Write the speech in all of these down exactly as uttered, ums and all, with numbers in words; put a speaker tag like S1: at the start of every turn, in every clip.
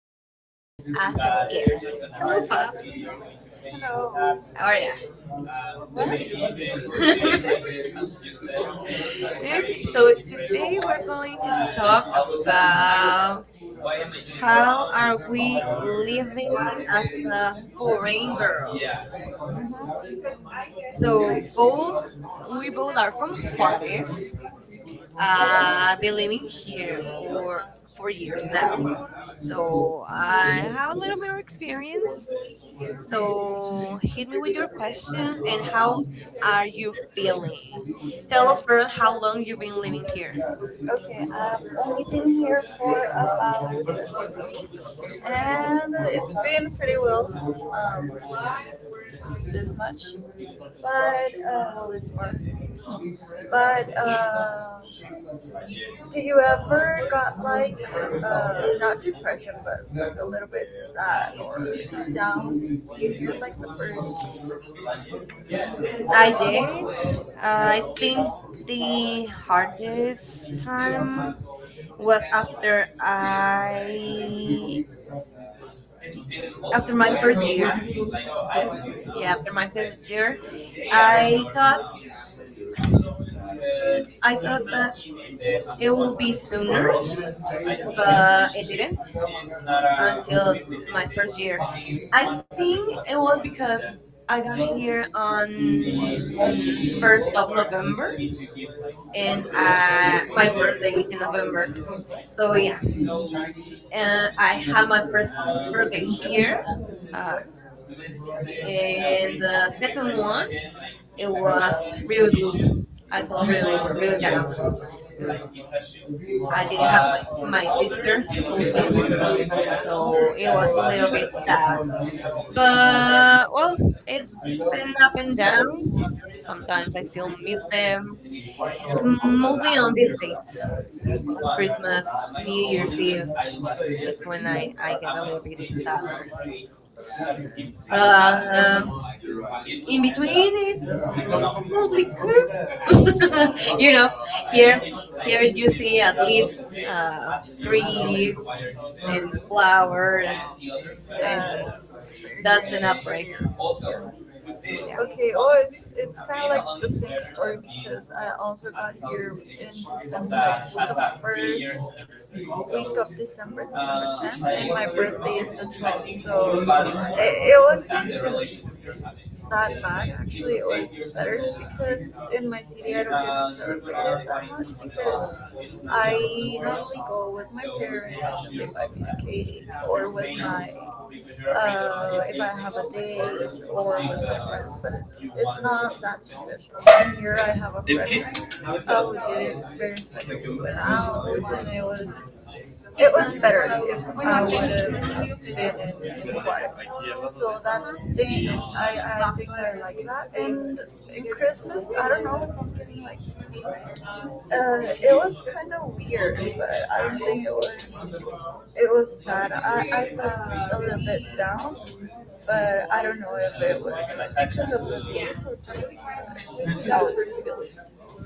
S1: have
S2: us
S1: Fabs as a
S2: after
S1: guest. Hello,
S2: is
S1: Fabs.
S2: hello.
S1: How are ya?
S2: What? Today we're going
S1: okay, so today we're going to
S2: to
S1: talk
S2: talk about
S1: about how
S2: how
S1: are
S2: are we
S1: we living
S2: living
S1: as
S2: as
S1: a foreign girl.
S2: yeah,
S1: So both we both are from Juarez. Uh, been living here for four
S2: leaders
S1: years now.
S2: now.
S1: So I have a little more experience.
S2: So,
S1: So
S2: if
S1: hit me
S2: we
S1: with
S2: do
S1: your question and
S2: questions,
S1: how are you feeling?
S2: um,
S1: Tell us first how long you've been living
S2: okay,
S1: here.
S2: I've only been here for about two, and it's been pretty well um as much. But uh but uh do you ever got like uh not depression but like a little bit sad or down if you're like the first
S1: I did. Uh,
S2: I
S1: I
S2: think
S1: think the hardest time was after I after my first year.
S2: this
S1: Yeah,
S2: time
S1: after my first year,
S2: I
S1: I thought
S2: it was
S1: I thought that
S2: sooner,
S1: it
S2: but
S1: will be sooner, but it didn't.
S2: and
S1: Until my
S2: my
S1: first
S2: year.
S1: year. I
S2: I
S1: think
S2: think
S1: it
S2: it
S1: was
S2: was
S1: because
S2: because
S1: I
S2: I
S1: got
S2: got
S1: here
S2: here on
S1: on
S2: the first
S1: first of November,
S2: day
S1: and uh, my birthday
S2: and
S1: is in
S2: uh,
S1: November. So yeah, uh, I had my first birthday here, uh, and the second one it was really blue. I felt really
S2: really,
S1: really
S2: really
S1: down because I
S2: I didn't
S1: didn't have my,
S2: have my,
S1: my sister
S2: my
S1: mostly,
S2: sister.
S1: so it was a little bit
S2: I
S1: sad.
S2: was little,
S1: But well, it's an
S2: I'm
S1: up
S2: not
S1: and down. Sometimes I still miss them. Mostly on these dates, Christmas, New Year's Eve is when I I get a little bit sadder. But um, in between, it's mostly good. you know, here here you see at least uh, trees
S2: feeling
S1: and flowers,
S2: very
S1: and that's
S2: good.
S1: an upgrade. Yeah.
S2: Okay, oh, it's it's kind of like the same story because I also got here in December, the first week so, of December, December tenth, and my birthday is the twelfth, so it, it wasn't think it's not bad actually. It was better because in my city I don't get to celebrate it that much because I normally go with my parents if I'm in Katy or with my uh, if I have a date or with my friends, but it's not that traditional. And here I have a friend. Oh, we did it very special. Without, and it was it was better if I would have been in, in Juarez. So that thing, I, I think I like that. And in Christmas, I don't know, uh, it was kind of weird, but I don't think it was. It was sad. I, I felt a little bit down, but I don't know if it was like because of the things. So,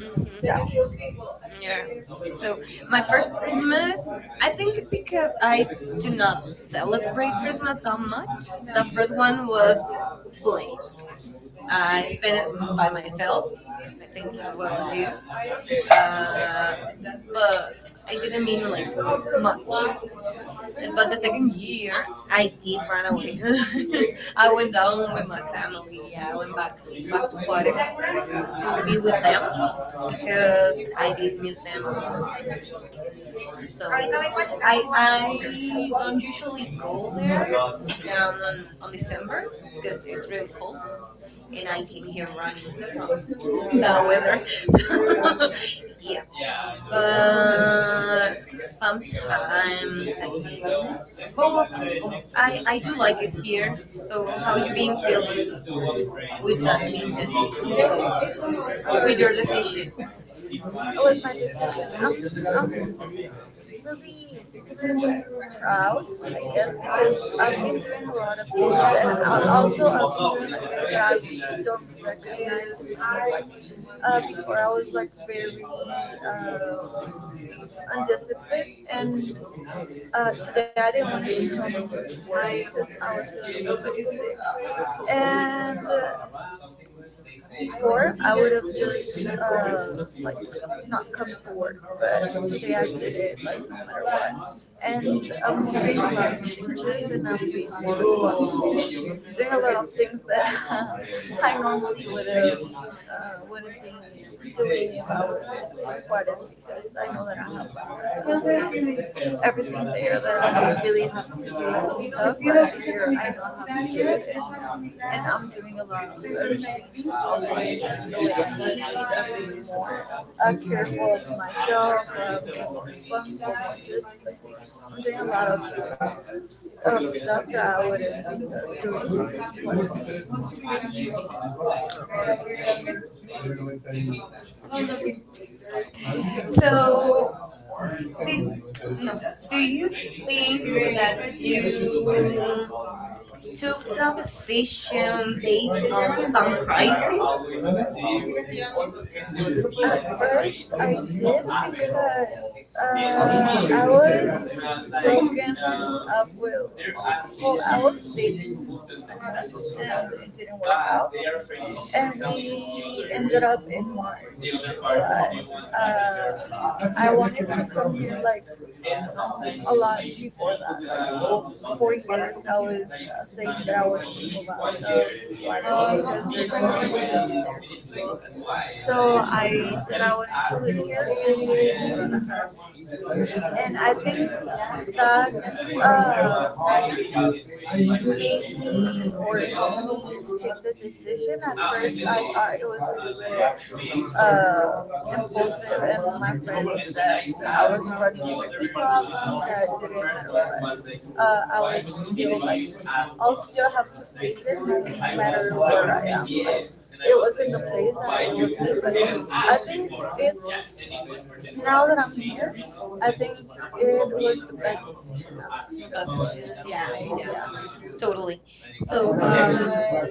S1: hmm Yeah. So my first Christmas, I think because I do not celebrate Christmas that much,
S2: I
S1: the
S2: think
S1: first one
S2: that
S1: was
S2: was
S1: Bully.
S2: uh,
S1: I spent
S2: spend
S1: it
S2: it
S1: m-
S2: by
S1: by myself,
S2: myself.
S1: I think as well as you. Uh,
S2: Uh, I
S1: but I didn't
S2: didn't
S1: mean
S2: mean like
S1: like much.
S2: much,
S1: Uh,
S2: but
S1: But the
S2: the
S1: second
S2: second year
S1: year, I did
S2: did my
S1: run away. I went down
S2: along
S1: with
S2: with my
S1: my family. Yeah, I went back
S2: back water to
S1: back to
S2: be
S1: Juarez
S2: with
S1: to be with
S2: them
S1: them because
S2: because
S1: I
S2: I
S1: did
S2: did
S1: miss
S2: miss
S1: them a
S2: them.
S1: lot.
S2: So
S1: So I
S2: I
S1: I don't usually go there down on, on
S2: um,
S1: December because it's really cold and I came here running from that
S2: the
S1: weather.
S2: weather. Yeah.
S1: Yep.
S2: Yeah,
S1: But
S2: but sometimes
S1: sometimes I
S2: I,
S1: think. But
S2: well,
S1: well, I,
S2: I
S1: I
S2: I do
S1: do like
S2: like
S1: it
S2: it
S1: here.
S2: here. So
S1: So how
S2: how
S1: you
S2: you
S1: been
S2: been
S1: feeling
S2: feeling
S1: with
S2: with
S1: that
S2: that
S1: change that
S2: changes?
S1: you, you did with
S2: With
S1: your
S2: your decision.
S1: decision?
S2: Oh, with my decision. I'm, I'm really proud, I guess, because I've been doing a lot of things. And I'll also, I've been doing things that I don't recognize and dislike. Uh, before I was like very uh, undisciplined, and uh, today I didn't want to come. I because I was feeling a little bit sick. And uh, before I would have just uh, like not come to work, but today I did it like no matter what. And I'm doing lunch, just and I'm being responsible, doing a lot of things that I normally would have uh, wouldn't be doing if I was at the because I know that I have everything there that I really have to do some stuff. But I year I know how to do it, and I'm doing a lot of research. I'm careful of myself, I'm responsible for this, but I'm doing a lot of, of stuff that I wouldn't be doing.
S1: Okay.
S2: So,
S1: So
S2: you know,
S1: did
S2: thing
S1: no. Do you think that
S2: that
S1: you
S2: you
S1: took the decision
S2: them
S1: based
S2: dating
S1: on some
S2: some crisis?
S1: crisis?
S2: At first, I did because uh, I was broken up with. Well, I was dating and it didn't work out. And we ended up in March. But, uh, I wanted to come here like a lot before that. that. Four years, I was uh, saying that I wanted to move out of so I said I wanted to live here and And I think that, uh, made me or helped me take the decision. At first, I thought it was uh, impulsive, and my friend said I was running with the problems that I didn't uh, I was still like, I'll still have to face it no matter where I am. Like, it was in the place that I was in, but I think it's now that I'm here, I think it was the best decision I've
S1: But uh,
S2: ever
S1: yeah,
S2: made.
S1: yeah,
S2: Yeah.
S1: totally.
S2: So,
S1: So
S2: um,
S1: um,
S2: I,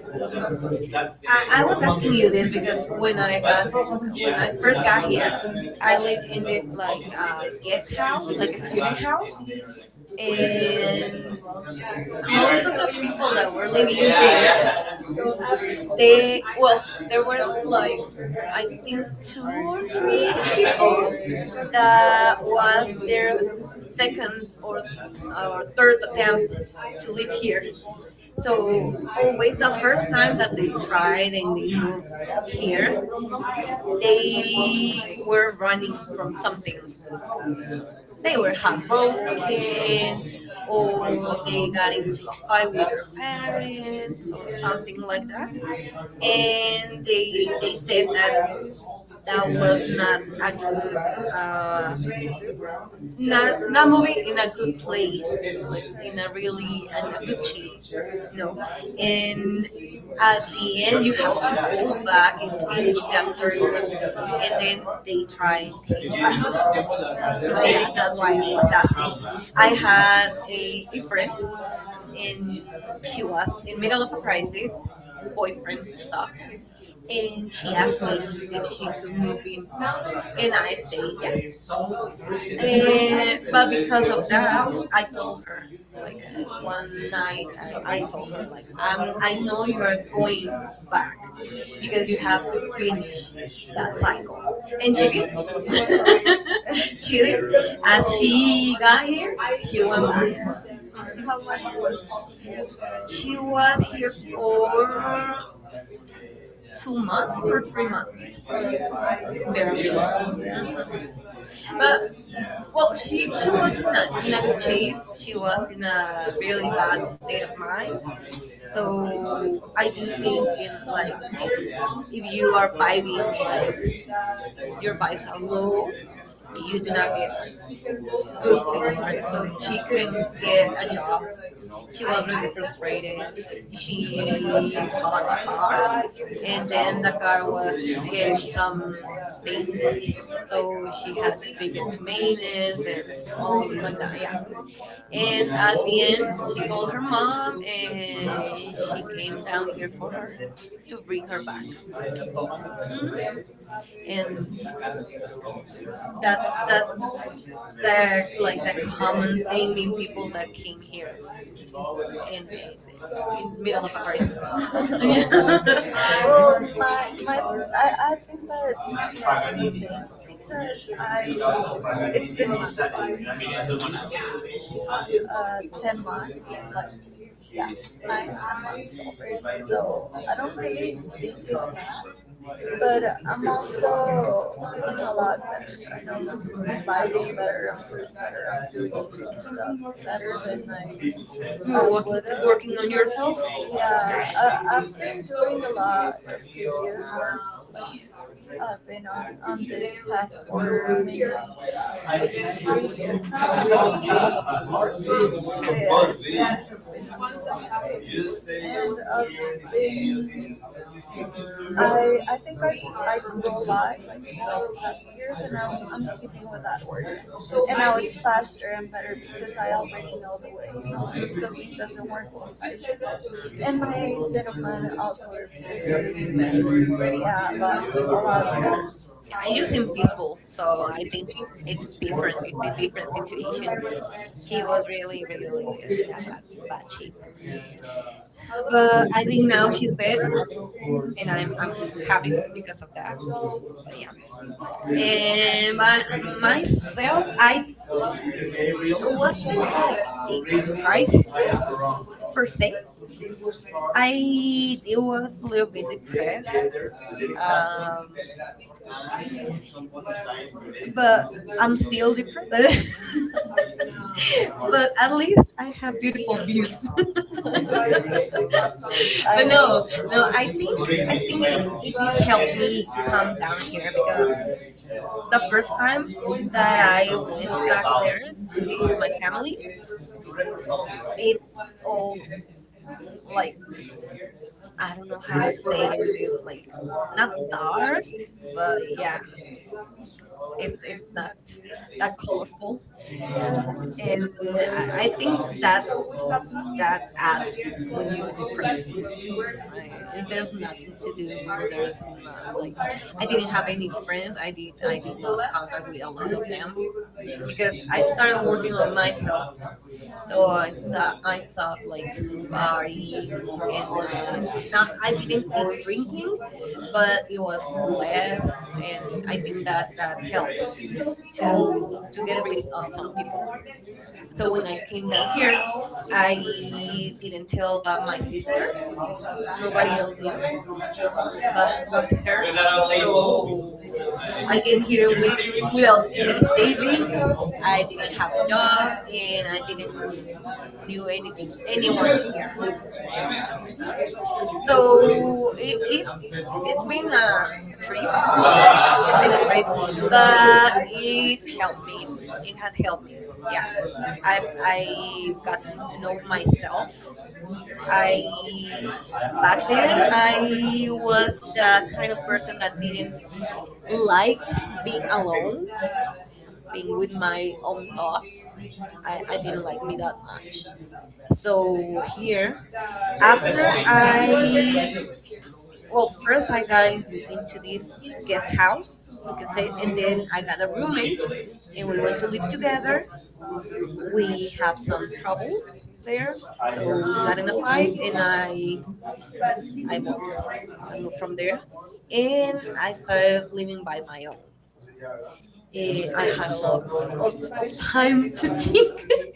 S1: I, I
S2: I
S1: was
S2: was
S1: asking
S2: asking
S1: you
S2: you
S1: this
S2: this
S1: because
S2: because
S1: when I got
S2: I wasn't sure
S1: when I
S2: that
S1: first got
S2: I
S1: here,
S2: here.
S1: I
S2: I was
S1: lived in this like uh, guest house, like a student
S2: at your
S1: house,
S2: house.
S1: and
S2: Most of
S1: most of the
S2: the
S1: people that
S2: people
S1: were
S2: are living
S1: living there,
S2: there. So uh, they,
S1: they well,
S2: there
S1: there was
S2: was
S1: like,
S2: like,
S1: I
S2: I
S1: think,
S2: think,
S1: two or
S2: two
S1: three people.
S2: trees that
S1: That was their
S2: second,
S1: second or
S2: uh,
S1: or
S2: third
S1: third attempt
S2: attempt
S1: to
S2: to
S1: live
S2: live here.
S1: here. So always the first
S2: First
S1: time
S2: time
S1: that
S2: that they
S1: they
S2: tried
S1: tried and
S2: and
S1: they
S2: they
S1: moved
S2: moved
S1: here,
S2: here,
S1: they
S2: they
S1: were
S2: were running
S1: running from
S2: from
S1: something. They were
S2: or
S1: heartbroken or
S2: what
S1: they
S2: they
S1: got
S2: got
S1: into
S2: into
S1: a fight with their parents or something like that. And they
S2: they
S1: they
S2: they said
S1: said that
S2: that
S1: that
S2: that
S1: was
S2: was not
S1: not
S2: a
S1: a
S2: good,
S1: good, uh,
S2: uh,
S1: not
S2: not
S1: not
S2: not
S1: moving
S2: moving in
S1: in a
S2: a
S1: good
S2: good way,
S1: place, like in a really and a
S2: a
S1: good
S2: good
S1: ch-
S2: shape.
S1: you know.
S2: No,
S1: And
S2: and at
S1: at
S2: the
S1: the end,
S2: end
S1: you
S2: you
S1: have
S2: have
S1: to
S2: to
S1: go
S2: go
S1: back
S2: back and
S1: and
S2: finish
S1: finish that
S2: that circle,
S1: circle,
S2: and
S1: and
S2: then
S1: then they
S2: they
S1: try and came back.
S2: yeah,
S1: But yeah, that's
S2: that's
S1: why I was
S2: why.
S1: asking. I had a, a friend, and
S2: And
S1: she
S2: she
S1: was in middle of a crisis, boyfriend stuff,
S2: stuff.
S1: and
S2: And she
S1: she asked
S2: asked me
S1: me if
S2: if she
S1: she could
S2: could
S1: move
S2: move
S1: in,
S2: in and
S1: and I
S2: United
S1: said yes.
S2: States.
S1: And,
S2: And,
S1: but
S2: but
S1: because
S2: because
S1: of
S2: of
S1: that,
S2: that, I
S1: I told
S2: told her
S1: her, like uh, one
S2: one night,
S1: night, I,
S2: I
S1: I told
S2: told
S1: her,
S2: her,
S1: like, I'm,
S2: um,
S1: I
S2: I
S1: know
S2: know you
S1: you're
S2: are
S1: going
S2: going
S1: back
S2: back.
S1: because you
S2: You
S1: have
S2: have to
S1: to finish
S2: finish
S1: that
S2: that."
S1: cycle. And
S2: And
S1: she
S2: she
S1: did,
S2: did. She
S1: she did.
S2: did.
S1: As
S2: As
S1: she
S2: she
S1: got
S2: got
S1: here,
S2: here,
S1: she went back. hmm
S2: how much was
S1: She
S2: it?
S1: was here for
S2: four
S1: two
S2: two months
S1: months or
S2: or
S1: three
S2: three
S1: months,
S2: months. Barely.
S1: barely. But well,
S2: Well,
S1: she
S2: she, she was
S1: she
S2: in
S1: was in a
S2: a,
S1: in
S2: in
S1: a
S2: a
S1: good
S2: good
S1: shape.
S2: shape.
S1: She
S2: She
S1: was
S2: was
S1: in
S2: in a
S1: a really
S2: really
S1: bad
S2: bad
S1: state
S2: state
S1: of
S2: of
S1: mind.
S2: mind.
S1: So
S2: So
S1: I
S2: I
S1: do
S2: do
S1: think
S2: think
S1: in
S2: like
S1: like if
S2: if you
S1: you are
S2: are five
S1: vibing like
S2: years like
S1: your
S2: you
S1: vibes are low, you do
S2: do
S1: not
S2: not
S1: get
S2: get
S1: like
S2: good things, right?
S1: good things, right? So
S2: So she
S1: she
S2: couldn't
S1: couldn't get
S2: get.
S1: a job. She
S2: She
S1: was
S2: was
S1: really
S2: really
S1: frustrated.
S2: she was
S1: She bought a car, and
S2: and
S1: then
S2: then the
S1: the car
S2: car
S1: was
S2: was in
S1: getting some
S2: some and
S1: things, so she had to take it to maintenance and all like that. Yeah,
S2: like
S1: and
S2: at
S1: at the
S2: the
S1: end,
S2: end,
S1: she
S2: she
S1: called
S2: goes
S1: her mom,
S2: and came
S1: and she came down
S2: down
S1: here
S2: here
S1: for her
S2: and
S1: to bring her back. hmm And that's
S2: that
S1: that.
S2: that's
S1: The like the
S2: the
S1: common
S2: common
S1: thing in
S2: thing
S1: people
S2: in
S1: that came here in
S2: people.
S1: in in middle of a crisis.
S2: Well, my, my, I, I think that it's not that easy because I, it's been months, uh, ten months, like, yeah, nine months. So I don't really think it's that. But I'm also feeling a lot better. I know I'm vibing better, I'm feeling better, I'm doing stuff better than I
S1: Yeah. You were
S2: uh,
S1: working
S2: would have.
S1: working on yourself.
S2: Yeah, uh, I've been doing a lot of previous work. I've been on, on this path for maybe six, yeah,
S1: Okay.
S2: it's been one and a long and I've been, I, I think I, I go live like over the past years and I'm, I'm keeping with that work. And now it's faster and better because I already know the way. You know,
S1: Mhm.
S2: if something doesn't work, well, I and my state of mind also is yeah,
S1: Better.
S2: but a lot
S1: Yeah, I use
S2: of
S1: him
S2: Him be-
S1: peaceful, so I think
S2: he was,
S1: it's different. It's a different situation. She was really, really, really in a bad, bad shape.
S2: but
S1: But I
S2: I
S1: think
S2: think
S1: now
S2: now he's
S1: she's
S2: dead,
S1: better,
S2: and
S1: and I'm
S2: I'm,
S1: I'm
S2: I'm
S1: happy
S2: happy
S1: because
S2: because
S1: of that.
S2: so
S1: But yeah. And
S2: and
S1: my,
S2: but myself,
S1: myself I
S2: I wasn't a
S1: wasn't like a crisis
S2: per
S1: per
S2: se.
S1: se. I
S2: I
S1: did
S2: it
S1: was
S2: was a
S1: a little
S2: little
S1: bit
S2: bit
S1: depressed, um
S2: depressed,
S1: but
S2: but
S1: I'm
S2: I'm
S1: still
S2: still
S1: depressed, but
S2: but
S1: at least I have beautiful views.
S2: abused.
S1: But no
S2: No,
S1: no I
S2: I
S1: think
S2: think
S1: i
S2: I
S1: think
S2: think
S1: it,
S2: it
S1: it
S2: it
S1: did help me
S2: helped me
S1: come down here
S2: because
S1: because the
S2: the
S1: first
S2: first time
S1: time that I went back
S2: about it.
S1: there to
S2: It's
S1: visit my family, it's all like, I
S2: like
S1: don't know how to say it,
S2: they
S1: it like,
S2: like
S1: not
S2: not dog,
S1: dark, but
S2: but yeah,
S1: yeah,
S2: it,
S1: it's it's not that colorful,
S2: it,
S1: and I,
S2: I
S1: I think
S2: think
S1: that
S2: that
S1: that adds when you're depressed. Right? There's nothing to do. There's not like,
S2: that
S1: I
S2: I
S1: didn't
S2: didn't
S1: have
S2: have
S1: any
S2: any
S1: friends.
S2: friends.
S1: I
S2: I did
S1: did
S2: I
S1: I did
S2: did lose
S1: lost contact
S2: contact
S1: with
S2: with a
S1: a
S2: of
S1: lot of them
S2: them
S1: because
S2: because
S1: I
S2: I
S1: started
S2: started working
S1: working on
S2: online.
S1: myself. So I st- I stopped like
S2: So
S1: partying and uh,
S2: uh,
S1: not
S2: not
S1: I didn't
S2: didn't
S1: quit
S2: quit
S1: drinking
S2: drinking,
S1: but it was
S2: but and
S1: less and I
S2: I
S1: think
S2: think
S1: that
S2: that.
S1: that helped to
S2: So, to
S1: to get rid
S2: deliveries
S1: of
S2: of
S1: some
S2: some
S1: people.
S2: people.
S1: So
S2: So
S1: when
S2: when
S1: I came down here
S2: here,
S1: I didn't tell about my sister, nobody else knew
S2: you're
S1: but, but her.
S2: not out so
S1: So I
S2: I
S1: came
S2: can hear
S1: here with
S2: with
S1: without
S2: milk in a
S1: any savings,
S2: baby.
S1: I
S2: I
S1: didn't have
S2: have
S1: a
S2: a dog.
S1: job and I didn't knew anything anyone
S2: Anyone
S1: here.
S2: here. So if
S1: So
S2: it,
S1: it, it
S2: it,
S1: it's
S2: it's me.
S1: been a, a trip.
S2: But
S1: It's been a brief, but it helped me. It has
S2: yeah,
S1: helped me. Yeah, I've
S2: I
S1: I've gotten to know myself. I
S2: I
S1: Back
S2: back then
S1: then I
S2: I
S1: was
S2: was
S1: the
S2: the kind
S1: kind of
S2: of
S1: person
S2: person
S1: that
S2: that
S1: didn't
S2: didn't like
S1: like
S2: being
S1: being
S2: alone.
S1: alone, being with my own thoughts. I, I didn't like me that much. So here,
S2: After
S1: after I,
S2: I
S1: well, first I got in, into this guest
S2: get
S1: house, we could say, and
S2: and
S1: then
S2: then
S1: I got a roommate,
S2: roommates
S1: and
S2: and
S1: we
S2: we
S1: went
S2: went
S1: to
S2: to
S1: live
S2: live together.
S1: together.
S2: We
S1: We have some trouble there. So we got
S2: got
S1: in
S2: in
S1: a
S2: a
S1: fight,
S2: fight
S1: and
S2: and
S1: I
S2: I I
S1: I moved. I
S2: was
S1: moved from there, and I
S2: I
S1: started living by my own. And I had a lot of,
S2: uh,
S1: of of time
S2: time to
S1: to think,
S2: think.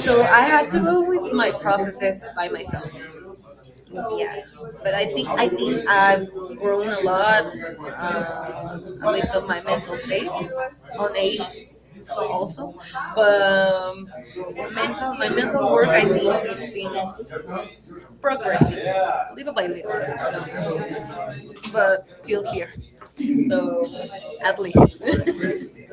S1: so
S2: So I
S1: I had
S2: had to
S1: to go
S2: go
S1: with
S2: with my
S1: my processes by myself. Yeah,
S2: yeah.
S1: but
S2: But I
S1: I
S2: think
S1: think I
S2: I
S1: think
S2: think
S1: I've
S2: I've grown
S1: grown
S2: a
S1: a lot,
S2: lot
S1: uh,
S2: um,
S1: at least
S2: because
S1: on
S2: of
S1: my
S2: my
S1: mental
S2: mental
S1: state,
S2: faith.
S1: on age also.
S2: So, but
S1: But um, mental,
S2: mental,
S1: my
S2: my mental
S1: mental
S2: work,
S1: work,
S2: I
S1: I
S2: think
S1: think it's
S2: it's
S1: been
S2: been.
S1: progressing
S2: Yeah.
S1: little by little, you know, but
S2: But,
S1: still here.
S2: so,
S1: So at least.
S2: I feel that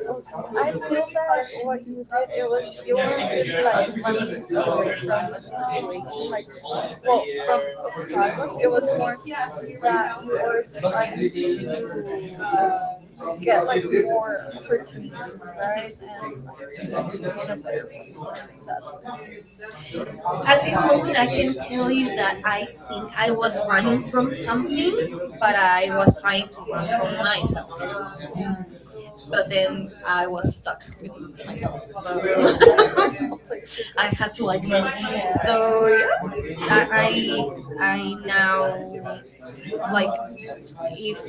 S2: what you did, it was, you were like running away from a situation, like, well, from a problem, it was more that you were trying to, uh, get like more opportunities, right?
S1: Mhm.
S2: And like, in a better place, I think that's what it is.
S1: At
S2: At
S1: this
S2: this
S1: moment,
S2: moment,
S1: I
S2: I
S1: can tell
S2: tell
S1: you
S2: you
S1: that
S2: that
S1: I think I
S2: I was
S1: was running
S2: running from
S1: from
S2: something,
S1: something, but
S2: but
S1: I was trying to run from
S2: myself.
S1: myself. But
S2: Then,
S1: then I was stuck with m- myself, so I had to
S2: I
S1: like me.
S2: I
S1: So yeah, I I, I now
S2: like
S1: like if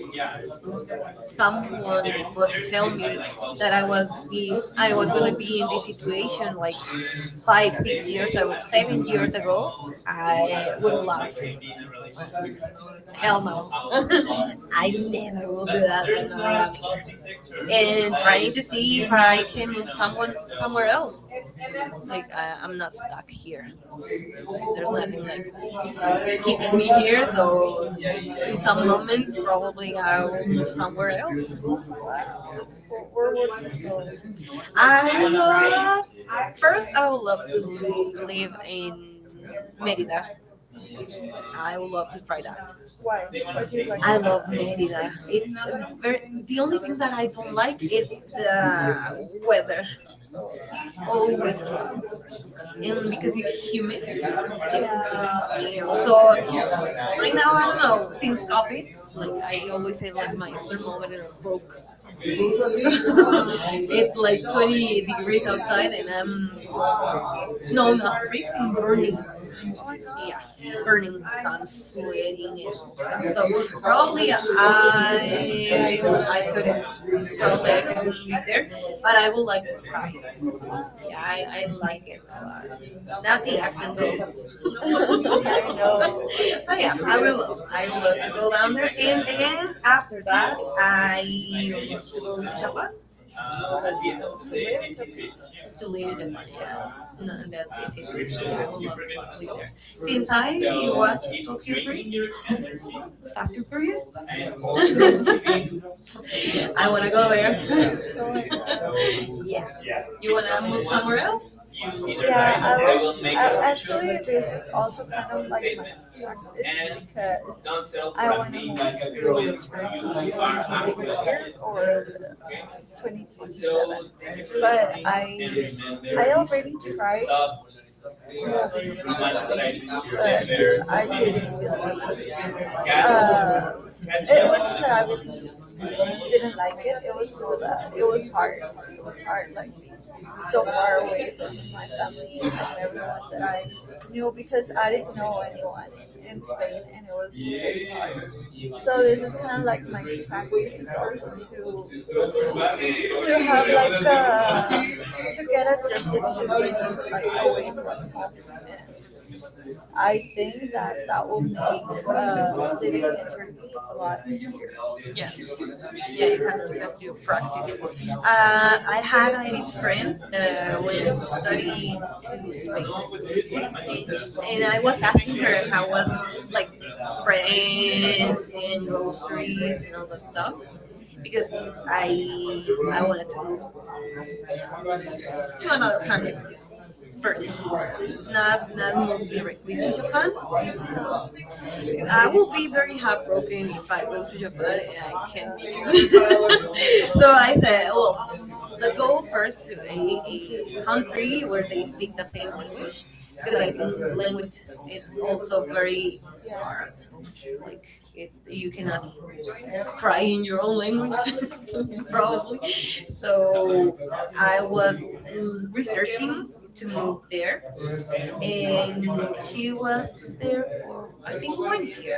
S1: someone
S2: someone
S1: was to
S2: was
S1: tell
S2: telling me
S1: me that I
S2: that
S1: was be I
S2: I was
S1: was gonna
S2: gonna
S1: be
S2: be
S1: in
S2: in
S1: this situation, like
S2: this
S1: five,
S2: five,
S1: six
S2: six
S1: years
S2: years
S1: ago,
S2: seven
S1: seven years ago,
S2: ago,
S1: I
S2: I
S1: would have
S2: would
S1: laughed.
S2: love
S1: Uh, Hell
S2: hell no.
S1: no.
S2: I
S1: I never
S2: never will
S1: will
S2: do
S1: do that, but now
S2: that.
S1: I'm here.
S2: And
S1: And
S2: trying
S1: trying
S2: to
S1: to see
S2: see
S1: if
S2: if
S1: I
S2: I can
S1: can
S2: one
S1: move someone
S2: come
S1: somewhere else. Like, I, I'm not stuck here. There's
S2: like,
S1: nothing like
S2: like
S1: keeping
S2: keeping me
S1: me here.
S2: here
S1: So, in
S2: in
S1: some
S2: some moment.
S1: moment, probably I will move
S2: Why?
S1: somewhere else. I would love, first, I would love to live in Merida. I would love to try that.
S2: Why do you like
S1: I
S2: I-
S1: love Merida.
S2: it's
S1: It's um, very,
S2: ver- the
S1: the
S2: only
S1: only
S2: thing
S1: thing
S2: that
S1: that
S2: I
S1: I
S2: don't
S1: don't like
S2: like
S1: is
S2: is
S1: the
S2: the weather.
S1: weather. Always hot.
S2: Always, and
S1: And
S2: because
S1: because it's
S2: it's humid.
S1: humid,
S2: It's,
S1: like,
S2: you
S1: damn.
S2: know,
S1: So um,
S2: so right
S1: right now,
S2: now
S1: I
S2: I
S1: don't
S2: don't know.
S1: know, since
S2: Since
S1: COVID,
S2: COVID, like,
S1: like, I
S2: I-
S1: always say, like,
S2: have my-
S1: my thermometer broke. So it's
S2: it's like
S1: like twenty
S2: twenty,
S1: degrees outside, and I'm,
S2: Um,
S1: no,
S2: no,
S1: not
S2: not free from
S1: freezing,
S2: burning.
S1: burning. Yeah,
S2: Yeah,
S1: burning.
S2: burning
S1: So I'm
S2: thoughts.
S1: sweating and
S2: So
S1: all stuff. So probably
S2: probably I, I
S1: I
S2: couldn't
S1: I couldn't, probably I couldn't
S2: probably
S1: live there,
S2: there,
S1: but
S2: but
S1: I
S2: I
S1: would
S2: would
S1: like
S2: like
S1: to
S2: to
S1: try.
S2: try it.
S1: Yeah,
S2: I,
S1: I, I
S2: I
S1: like
S2: like
S1: it
S2: it.
S1: a lot. Not
S2: Not
S1: the
S2: the
S1: accent
S2: accent
S1: though,
S2: though.
S1: but
S2: But
S1: yeah,
S2: yeah,
S1: I
S2: I
S1: will
S2: will.
S1: love.
S2: Love-
S1: I
S2: I
S1: would
S2: would
S1: love
S2: love
S1: to
S2: to
S1: go
S2: go
S1: down
S2: down there
S1: there, and
S2: and then
S1: then after that, I
S2: I
S1: will love
S2: used to
S1: to
S2: go
S1: go
S2: to
S1: to Japan
S2: Japan
S1: to live in Japan. Yeah, no, that visit.
S2: since
S1: Yeah, I would love to live there. Since I
S2: I
S1: watched
S2: was
S1: Tokyo
S2: Tokyo Greek,
S1: Drift, Fast
S2: question
S1: and
S2: for you.
S1: Furious, I
S2: I
S1: wanna
S2: wanna
S1: go
S2: go
S1: there.
S2: there.
S1: Yeah,
S2: Yeah. Yeah. You
S1: you wanna
S2: wanna
S1: move
S2: move
S1: somewhere
S2: somewhere
S1: else?
S2: else? Yeah, I wish, I was- actually, this is also kind of like my practice because I wanna move to you are or twenty twenty-seven. So. But I, I already tried. But I didn't feel like uh, it wasn't that I really didn't like it. It was more that it was hard. It was hard, like so far away from my family and everyone that I knew because I didn't know anyone in Spain, and it was really hard. So this is kind of like my practice is also to to have like uh, to get adjusted to being like away from home. I think that that will make uh, living in Turkey a lot easier.
S1: Yeah.
S2: Yes. Yeah,
S1: Yeah, you
S2: you
S1: have
S2: have
S1: to
S2: to
S1: get
S2: get
S1: your
S2: your
S1: practice.
S2: practice.
S1: Uh,
S2: Uh,
S1: I
S2: I
S1: had
S2: had
S1: a
S2: a
S1: friend
S2: friend
S1: that
S2: that
S1: went
S2: was
S1: to study
S2: studying,
S1: to Spain,
S2: like,
S1: and
S2: in
S1: sh- and I was asking
S2: Europe
S1: her how
S2: that
S1: was
S2: was
S1: like
S2: like
S1: rent
S2: friends
S1: and
S2: and
S1: groceries and all that stuff because I
S2: I I
S1: I
S2: wanted
S1: wanted to move
S2: to to
S1: to another
S2: another
S1: continent
S2: person,
S1: first, not
S2: not
S1: not
S2: not
S1: move
S2: directly
S1: directly to
S2: to
S1: Japan
S2: Japan.
S1: because
S2: I
S1: I will
S2: would
S1: be very
S2: have
S1: heartbroken
S2: broken.
S1: if I go
S2: But
S1: to
S2: yeah,
S1: Japan and I
S2: it
S1: can't
S2: can be.
S1: make it. so
S2: so
S1: I
S2: I
S1: said, well, let's go first to a, a
S2: the country
S1: country where they speak
S2: speak the
S1: the
S2: same
S1: same
S2: language
S1: language because
S2: because
S1: I
S2: I
S1: think the
S2: think
S1: language
S2: language
S1: it's
S2: is so
S1: also
S2: very
S1: very hard.
S2: like
S1: Like it you
S2: you
S1: cannot
S2: cannot
S1: cry
S2: cry
S1: in
S2: in
S1: your
S2: your own
S1: own
S2: language.
S1: language
S2: Probably.
S1: probably.
S2: So
S1: So I
S2: I
S1: was
S2: was
S1: l-
S2: mm,
S1: researching
S2: researching
S1: to
S2: to
S1: move
S2: move
S1: there,
S2: there,
S1: and
S2: and
S1: she
S2: she
S1: was
S2: was
S1: there
S2: there
S1: for I
S2: I
S1: think
S2: think
S1: one
S2: one year.
S1: year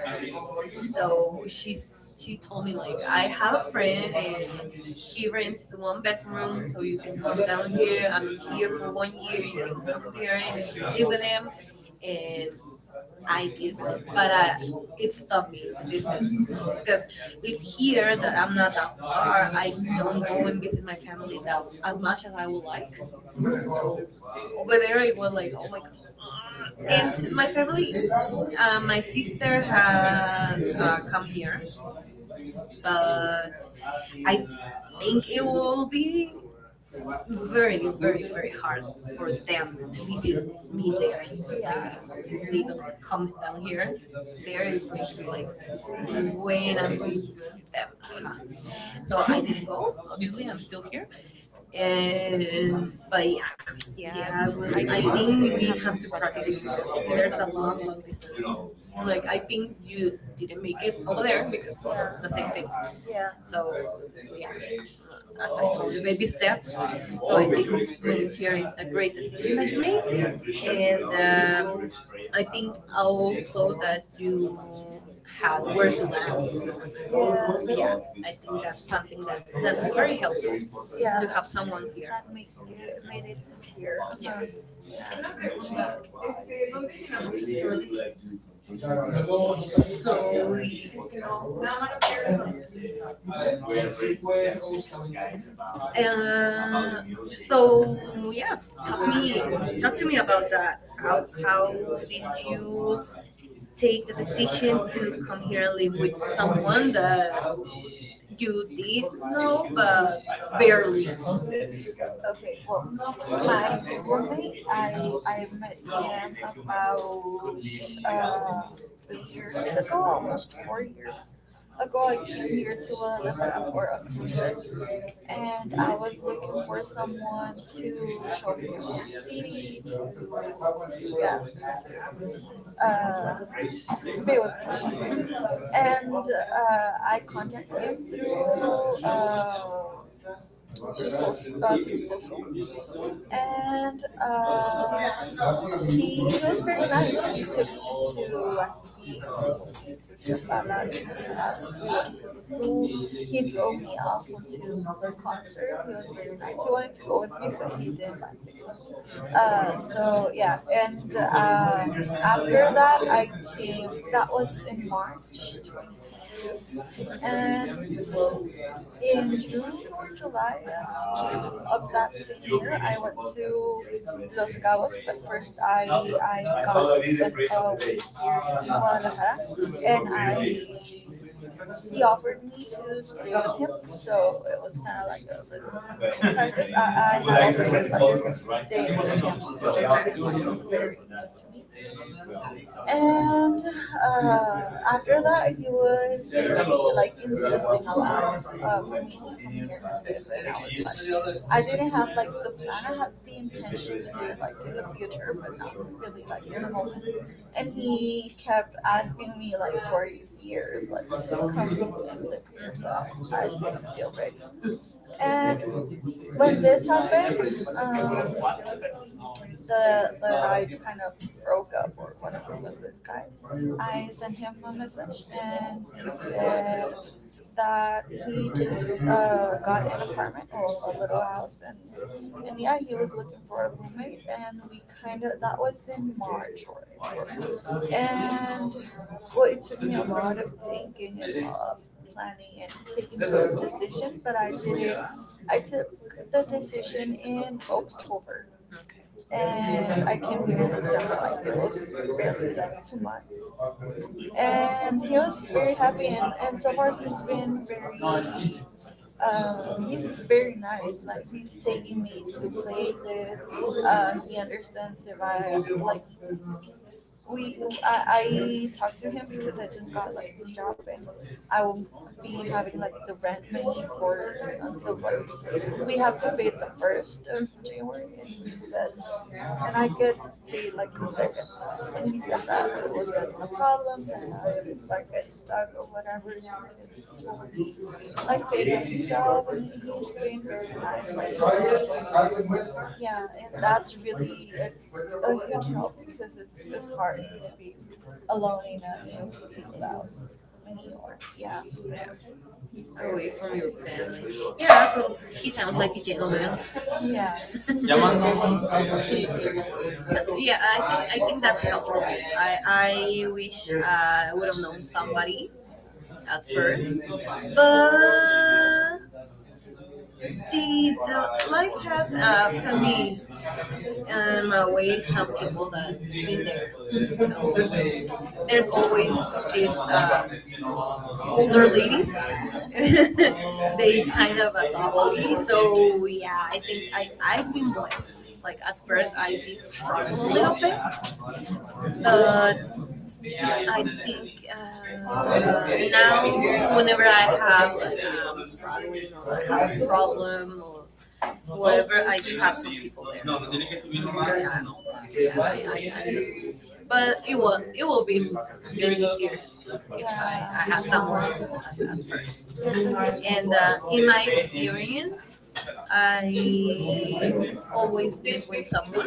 S2: So
S1: So she
S2: she
S1: s- she told
S2: told
S1: me
S2: me
S1: like, I
S2: like
S1: have
S2: have
S1: a
S2: a
S1: friend
S2: friend
S1: and he rents one bedroom,
S2: room,
S1: so
S2: so
S1: you
S2: you
S1: can
S2: can come
S1: come down
S2: down
S1: here.
S2: here.
S1: I'm
S2: I'm
S1: here
S2: here.
S1: for one year. You can come here and
S2: Hearing
S1: live with him. And I did research, but I it stopped me, the distance,
S2: distance, because
S1: because if
S2: if
S1: here
S2: here that
S1: that I'm
S2: I'm
S1: not
S2: not
S1: that
S2: that
S1: far,
S2: far, I
S1: I don't
S2: don't
S1: go
S2: go and
S1: and
S2: visit
S1: visit
S2: my
S1: my
S2: family
S1: family
S2: that,
S1: that as
S2: as
S1: much
S2: much
S1: as
S2: as
S1: I
S2: I
S1: would
S2: would like.
S1: like. So over
S2: Over there,
S1: there, I
S2: it
S1: was
S2: was
S1: like,
S2: like,
S1: oh
S2: oh my
S1: my
S2: god.
S1: god. And
S2: And my
S1: my
S2: family,
S1: family, uh,
S2: uh, my
S1: my sister
S2: sister
S1: had
S2: has
S1: uh,
S2: uh,
S1: come
S2: come here,
S1: here, but
S2: but I
S1: I think
S2: think
S1: it
S2: it
S1: will
S2: will be
S1: be
S2: very,
S1: very, very,
S2: very,
S1: very
S2: very
S1: hard
S2: hard for
S1: for them
S2: them to
S1: to visit
S2: even
S1: me.
S2: be there.
S1: Like
S2: Yeah, if they
S1: they don't
S2: don't
S1: come
S2: come
S1: down
S2: down here,
S1: here. There
S2: they're
S1: is going to be like
S2: usually like way,
S1: when
S2: and
S1: I'm
S2: I'm going
S1: going
S2: to
S1: to see them.
S2: them.
S1: Aha.
S2: So
S1: So
S2: I
S1: I didn't
S2: didn't
S1: go.
S2: go. Obviously,
S1: Obviously,
S2: I'm
S1: I'm
S2: still
S1: still here.
S2: here.
S1: Uh,
S2: And
S1: but
S2: but yeah,
S1: yeah, yeah,
S2: yeah.
S1: I
S2: Well,
S1: will.
S2: I
S1: I think
S2: think
S1: we
S2: we
S1: have
S2: have to
S1: to practice
S2: practice
S1: because
S2: because
S1: there's
S2: there's
S1: a
S2: a
S1: long,
S2: long,
S1: long
S2: long
S1: distance.
S2: distance.
S1: Like
S2: Like
S1: I
S2: I
S1: think
S2: think
S1: you
S2: you
S1: didn't
S2: didn't
S1: make
S2: make
S1: it
S2: it
S1: over
S2: over
S1: there
S2: there because
S1: because
S2: it's the
S1: the same
S2: same
S1: thing.
S2: thing. Yeah.
S1: So
S2: So
S1: yeah,
S2: yeah, as
S1: uh,
S2: I
S1: as I
S2: told
S1: told you, baby
S2: you,
S1: steps. So
S2: so
S1: I
S2: I
S1: think
S2: think
S1: moving
S2: when
S1: here
S2: here
S1: is
S2: is
S1: a
S2: a
S1: great decision
S2: decision
S1: that
S2: that
S1: you
S2: you
S1: made.
S2: made. And
S1: And um,
S2: um,
S1: I
S2: I
S1: think also
S2: also
S1: that
S2: that you
S1: you
S2: had
S1: had where
S2: where
S1: to
S2: to land.
S1: land. Yeah,
S2: Yeah,
S1: I
S2: I
S1: think
S2: think that's
S1: that's
S2: something
S1: something that
S2: that,
S1: that's
S2: that's
S1: very
S2: very
S1: helpful,
S2: helpful. Yeah,
S1: to
S2: to
S1: have
S2: have
S1: someone
S2: someone here
S1: here.
S2: that makes it, made it easier.
S1: Yeah.
S2: Yeah.
S1: Yeah.
S2: So
S1: So
S2: we
S1: we, uh,
S2: Uh, so
S1: so yeah, talk me, talk to
S2: doctor
S1: me about
S2: doctor
S1: that. How how did
S2: you
S1: you
S2: take
S1: take
S2: the
S1: the
S2: decision
S1: decision to
S2: to
S1: come
S2: come
S1: here
S2: here
S1: and
S2: and
S1: live
S2: live
S1: with
S2: with
S1: someone
S2: someone that
S1: that you
S2: you
S1: did
S2: did know
S1: know but
S2: but barely?
S1: barely?
S2: Okay, well, my roommate, I, I met him about uh, two years ago, almost four years ago. I came here to Guadalajara for a concert, and I was looking for someone to show me around the city, to, to uh, builds. And uh, I contacted him through, uh, through social, uh, through social. And uh, he, he was very nice. He took me to, uh, just about last, uh, so he drove me also to another concert. He was very nice. He wanted to go with me, but he didn't like it.
S1: Mhm,
S2: Uh, so yeah, and uh, after that I came. That was in March.
S1: mhm,
S2: And in June or July, uh, of that same year, I went to Los Cabos, but first I I got spent a week here in Guadalajara,
S1: mhm. Mhm.
S2: and I he offered me to stay with him, so it was kind of like a little. I, I had offered like stay
S1: Okay.
S2: with him. And uh, after that, he was like insisting a lot, uh, for me to come here. I like, I didn't have like the plan. I had the intention to do it like in the future, but not really like in the moment. And he kept asking me like for years, like, come and live here. So
S1: Mhm.
S2: I didn't feel ready. And when this happened, principal, pues no. the the guy kind of broke up or whatever with this guy. I sent him a message and he said that he just uh, got an apartment or a little house, and and yeah, he was looking for a roommate, and we kind of that was in March, or, and well, it took me a lot of thinking and a lot of planning and taking the decision, but I did it. I took the decision in October.
S1: Okay.
S2: And I came here in December, like it was barely like two months. And he was very happy, and, and so far he's been very, um, he's very nice. Like he's taking me to places. Uh, he understands if I like, we I, I talked to him because I just got like this job, and I will be having like the rent money for until like we have to pay the first of
S1: Mhm.
S2: January, and he said, and I get paid like the second, and he said that it wasn't a problem, and I, like get stuck or whatever, I Vegas myself, and he's has very nice. Like, yeah, and that's really, a, a huge help because it's it's hard to be alone in a small city without many, or yeah.
S1: Yeah.
S2: He's. Oh, very
S1: Away from your
S2: wait.
S1: family. Yeah,
S2: Yeah,
S1: well,
S2: so
S1: he
S2: he sounds
S1: sounds like
S2: like a
S1: a gentleman.
S2: gentleman. Yeah.
S1: He- Yeah,
S2: Yeah, I
S1: I think I
S2: think I
S1: think
S2: think
S1: that's
S2: that's helpful.
S1: helpful. I
S2: I,
S1: I wish I would have
S2: uh,
S1: known somebody
S2: somebody
S1: at
S2: at
S1: first,
S2: first,
S1: but
S2: but
S1: the,
S2: the, the
S1: the
S2: club,
S1: life has uh,
S2: uh,
S1: put me
S2: convened,
S1: in
S2: um,
S1: my way
S2: away some
S1: some people
S2: people that's
S1: that's been
S2: been
S1: there.
S2: there.
S1: So
S2: So
S1: we'll, there's
S2: there's always
S1: always
S2: these,
S1: these uh,
S2: uh,
S1: older
S2: older ladies.
S1: ladies,
S2: They
S1: they kind
S2: kind
S1: of
S2: of
S1: adopt
S2: adopt me.
S1: me.
S2: So
S1: So yeah, I think I I've
S2: I've been
S1: been
S2: blessed.
S1: blessed. Like at
S2: First,
S1: first,
S2: I
S1: I did
S2: did struggle
S1: struggle a
S2: a
S1: little
S2: little bit,
S1: bit, but
S2: but I
S1: I think
S2: think, uh,
S1: uh, now
S2: now,
S1: whenever
S2: whenever I
S1: I have like I'm
S2: have,
S1: struggling or I have a
S2: like, um,
S1: problem
S2: problem,
S1: or whatever,
S2: whatever, I
S1: I do have some
S2: Sí,
S1: people there.
S2: no,
S1: So
S2: no tiene que subir más, no.
S1: yeah, yeah, I, I, I but it will it will be m- be easier if I I
S2: Uh,
S1: had someone at, at first. And
S2: And
S1: uh,
S2: uh,
S1: in
S2: in
S1: my
S2: my experience,
S1: experience, I
S2: I
S1: always
S2: always do.
S1: live with someone.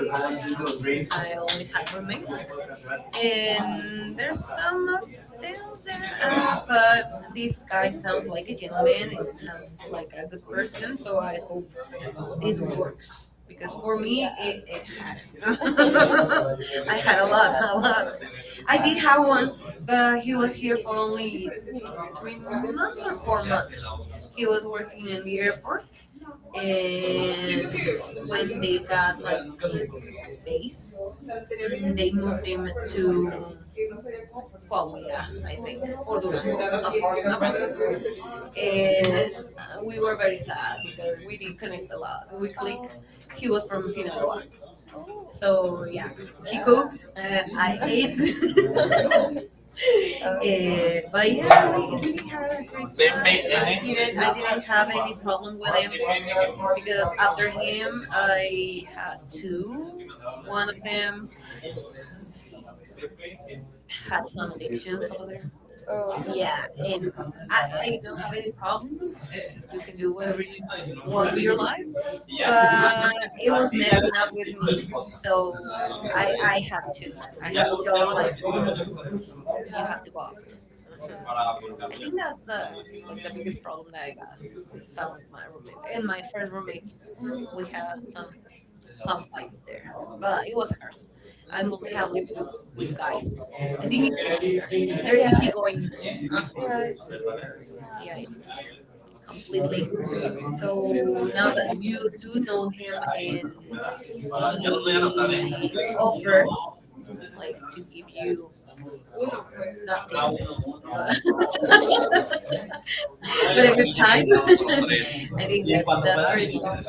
S1: I always had roommates, and
S2: And
S1: there's
S2: there's
S1: some
S2: some,
S1: up downs there. Uh,
S2: uh,
S1: but
S2: but
S1: this
S2: this
S1: guy sounds
S2: sounds
S1: like
S2: like
S1: a
S2: a
S1: gentleman
S2: gentleman.
S1: and sounds like a good person.
S2: Person,
S1: So
S2: so
S1: I hope this
S2: this
S1: works,
S2: works.
S1: because for
S2: For me,
S1: me it, it hadn't.
S2: I
S1: I had
S2: had
S1: a
S2: a
S1: lot,
S2: lot,
S1: a
S2: a
S1: lot.
S2: lot.
S1: Of, I did have one,
S2: Taiwan,
S1: but
S2: but
S1: he
S2: he
S1: was
S2: was
S1: here
S2: here for
S1: for
S2: only
S1: only three months
S2: months,
S1: or four
S2: four
S1: months.
S2: months.
S1: He
S2: He
S1: was
S2: was,
S1: working in the airport, and
S2: and
S1: when
S2: when they
S1: they got
S2: got like
S1: like his
S2: this,
S1: base, mm,
S2: they
S1: they moved
S2: moved
S1: him
S2: him to,
S1: to Coahuila, I
S2: like,
S1: think, or
S2: Córdoba.
S1: Durango, some around. And uh,
S2: And we
S1: we were
S2: were
S1: very sad because we did connect a lot. We clicked. He
S2: very
S1: was from
S2: from him.
S1: Sinaloa, so yeah, he
S2: He
S1: cooked.
S2: cooked,
S1: Uh,
S2: I
S1: I
S2: ate.
S1: ate, uh,
S2: Eh,
S1: but
S2: but yeah,
S1: yeah, we,
S2: like,
S1: we did have a great
S2: They
S1: time.
S2: made
S1: I
S2: I
S1: didn't
S2: didn't,
S1: I
S2: I
S1: didn't
S2: didn't
S1: have
S2: have any
S1: any
S2: with
S1: problem
S2: him.
S1: with him, because
S2: With
S1: after him
S2: him, I
S1: I had two.
S2: Two.
S1: One of them had some
S2: Addiction.
S1: addictions over there.
S2: Oh, yeah,
S1: Yeah, and
S2: and you can
S1: I, I don't have any problems. You can do
S2: do
S1: whatever you want
S2: what
S1: with
S2: we
S1: your
S2: your
S1: life,
S2: like?
S1: but it was
S2: But it
S1: messing up with me.
S2: was
S1: So I
S2: I
S1: I had to
S2: I
S1: I
S2: had
S1: had to
S2: to
S1: tell him
S2: tell her
S1: like,
S2: like you
S1: you have to
S2: have
S1: go out. Mhm. I think
S2: to.
S1: that's the like the biggest problem that I got with
S2: But
S1: some of my roommates, and my first roommate. We had some some fight there, but it was a girl. I only have lived with with guys. I
S2: I
S1: think
S2: think
S1: it's easier.
S2: it's- there
S1: They're
S2: is a
S1: easygoing.
S2: point.
S1: Uh, yeah,
S2: Yeah.
S1: it's completely.
S2: Completely. So
S1: So now
S2: now
S1: that
S2: that
S1: you
S2: you do
S1: do know
S2: know
S1: him
S2: him
S1: and he
S2: offer,
S1: offers like to give you not things,
S2: that
S1: but but
S2: but
S1: a
S2: a
S1: good
S2: good
S1: time,
S2: time.
S1: I
S2: I
S1: think
S2: think
S1: that
S2: that,
S1: that's
S2: that's
S1: very
S2: pretty.
S1: nice.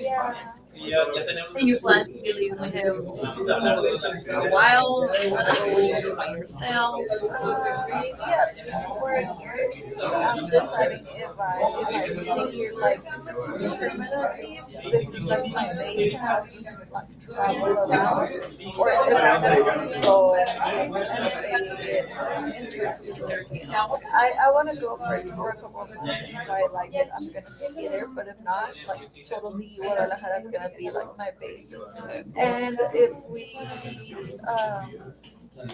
S2: Ya, ya.
S1: And
S2: And
S1: you
S2: you play
S1: plan to be living with
S2: with
S1: him
S2: him.
S1: for a
S2: Oh,
S1: while? You wanna go live by yourself?
S2: um, yeah, this is where
S1: Okay,
S2: I'm deciding if I, if I sit here like permanently, this is like my base house, like travel around. Or if I wanna go and
S1: okay.
S2: stay interested in
S1: In
S2: Turkey.
S1: Turkey,
S2: In
S1: okay,
S2: I, I wanna go first for a tour a couple of months, and if I like it, I'm gonna stay there, but if not, like totally Guadalajara is gonna be like my base.
S1: okay,
S2: And if we, um,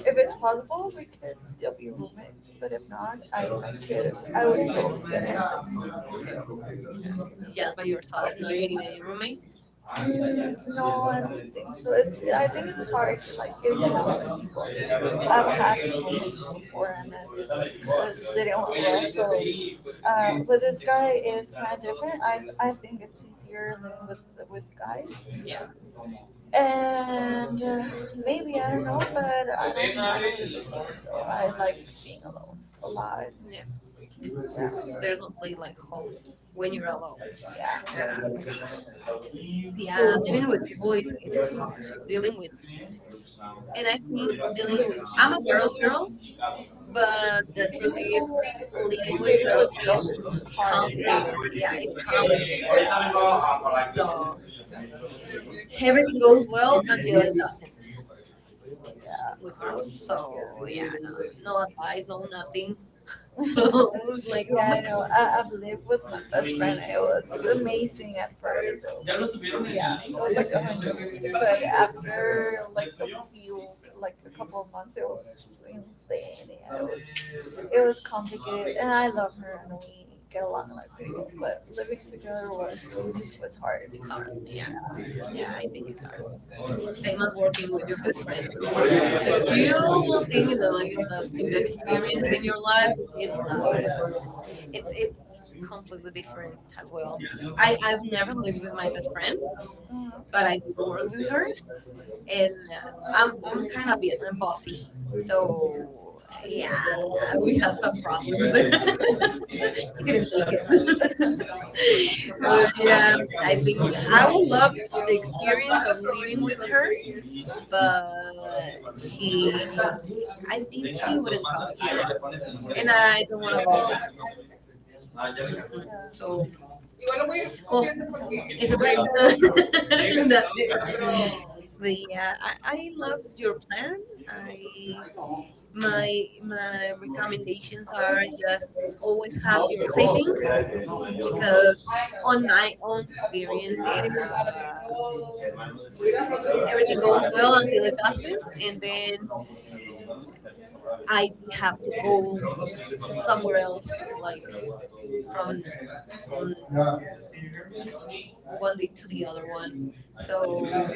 S2: if it's possible, we could still be roommates, but if not, I could, I would totally get it.
S1: okay.
S2: Yeah,
S1: Just by
S2: so you are
S1: yourself, not
S2: getting
S1: getting any
S2: a roommate?
S1: roommates.
S2: Mm, no, I don't think so. It's I think it's hard to like get along with people. I've had meetings before, and it's, it didn't work. So,
S1: Mm.
S2: uh, but this guy is kind of different. I I think it's easier living with with guys.
S1: Yeah.
S2: Yeah. And uh, maybe I don't know, but I don't, I don't really think so. I like being alone a lot. Yeah. They're
S1: There's no place
S2: lovely, like,
S1: like home when
S2: when you
S1: you're
S2: go.
S1: alone.
S2: Yeah.
S1: Uh,
S2: uh,
S1: because
S2: Yeah,
S1: yeah, living
S2: living
S1: with
S2: with
S1: people
S2: people is
S1: is it's hard.
S2: really,
S1: Dealing with
S2: and
S1: and
S2: I
S1: I
S2: think
S1: think
S2: dealing
S1: dealing with
S2: with,
S1: I'm
S2: I'm
S1: a
S2: a
S1: girl's
S2: girl's girl.
S1: girl, but the truth is living
S2: It's-
S1: with girls it's
S2: it's girl.
S1: complicated. Yeah,
S2: Yeah.
S1: it's complicated.
S2: So,
S1: So everything
S2: everything
S1: goes
S2: goes.
S1: well until it doesn't with girls. So yeah,
S2: Yeah.
S1: no, no advice, no nothing. So
S2: So, Like,
S1: like, oh
S2: yeah,
S1: my
S2: I
S1: god,
S2: know. I, I've lived with my best friend. It was amazing at first. Yeah. It was like amazing. But after like a few, like a couple of months, it was insane. Yeah, it was it was complicated, and I love her, and we get along like pretty well. But living together was was hard.
S1: it's hard.
S2: Yeah.
S1: Yeah, yeah,
S2: Yeah.
S1: I think it's hard.
S2: Same
S1: Same as
S2: as
S1: working with your best friend. You,
S2: Because
S1: you
S2: you
S1: will
S2: don't think
S1: think
S2: the,
S1: that like, it's a
S2: like,
S1: big
S2: the
S1: experience
S2: experience in
S1: in
S2: your
S1: your
S2: life,
S1: life. It's not.
S2: it
S1: It's it's completely different as
S2: I
S1: well.
S2: have a
S1: I
S2: friend,
S1: I've never lived with my best friend, but
S2: but
S1: I
S2: I
S1: did
S2: didn't
S1: work
S2: work
S1: with
S2: with
S1: her,
S2: her.
S1: and uh,
S2: And
S1: I'm
S2: I'm,
S1: I'm
S2: I'm
S1: kind
S2: kind
S1: of
S2: of
S1: bit
S2: bitter,
S1: I'm bossy.
S2: so
S1: So yeah,
S2: uh,
S1: we
S2: we
S1: had
S2: have
S1: some
S2: some
S1: problems.
S2: problems.
S1: She couldn't take it.
S2: So,
S1: But,
S2: yeah,
S1: um, I
S2: I think
S1: think I
S2: I
S1: would
S2: would
S1: love
S2: love
S1: the
S2: the
S1: experience
S2: experience
S1: of
S2: of her
S1: living with her,
S2: years,
S1: but
S2: but she.
S1: she
S2: I
S1: I think
S2: think
S1: she
S2: she would,
S1: wouldn't come here, and
S2: and
S1: I
S2: I
S1: don't want
S2: want
S1: to
S2: to
S1: go
S2: go back.
S1: back. Mhm. So, well,
S2: Cool. It's
S1: it's a
S2: a
S1: dream. That's it. But
S2: great.
S1: yeah, I, I loved your plan. I
S2: My
S1: my
S2: my
S1: my
S2: are
S1: recommendations are just, always
S2: just
S1: have
S2: have
S1: your savings,
S2: reading
S1: because
S2: because
S1: on my
S2: online
S1: own
S2: it really
S1: experience, it
S2: weird.
S1: uh, everything
S2: Everything
S1: goes
S2: goes
S1: well
S2: well
S1: until
S2: until
S1: it
S2: it
S1: doesn't, and
S2: ends.
S1: then
S2: I
S1: I have to go
S2: go
S1: somewhere else, like from
S2: something like from
S1: from
S2: from
S1: one
S2: one
S1: day
S2: week
S1: to
S2: to
S1: the
S2: the other
S1: other one.
S2: one.
S1: So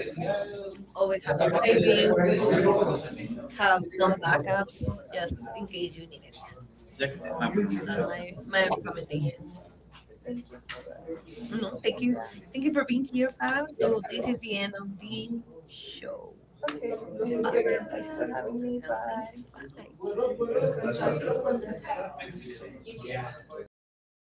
S1: always
S2: Always have
S1: have your
S2: a
S1: savings, always
S2: table,
S1: have
S2: have some
S1: some backups just in case you need
S2: balance.
S1: it.
S2: Uh, My
S1: And my my recommendations.
S2: recommendations.
S1: Oh,
S2: No,
S1: no, thank
S2: thank
S1: you,
S2: you.
S1: thank
S2: Thank
S1: you
S2: you
S1: for
S2: for
S1: being
S2: being
S1: here,
S2: here, fam.
S1: Fab.
S2: So
S1: So this
S2: this
S1: is
S2: is
S1: the end of
S2: Okay,
S1: the show.
S2: this is
S1: Bye.
S2: good. Thanks for having me.
S1: No, thank you.
S2: Bye.
S1: Bye.
S2: Thank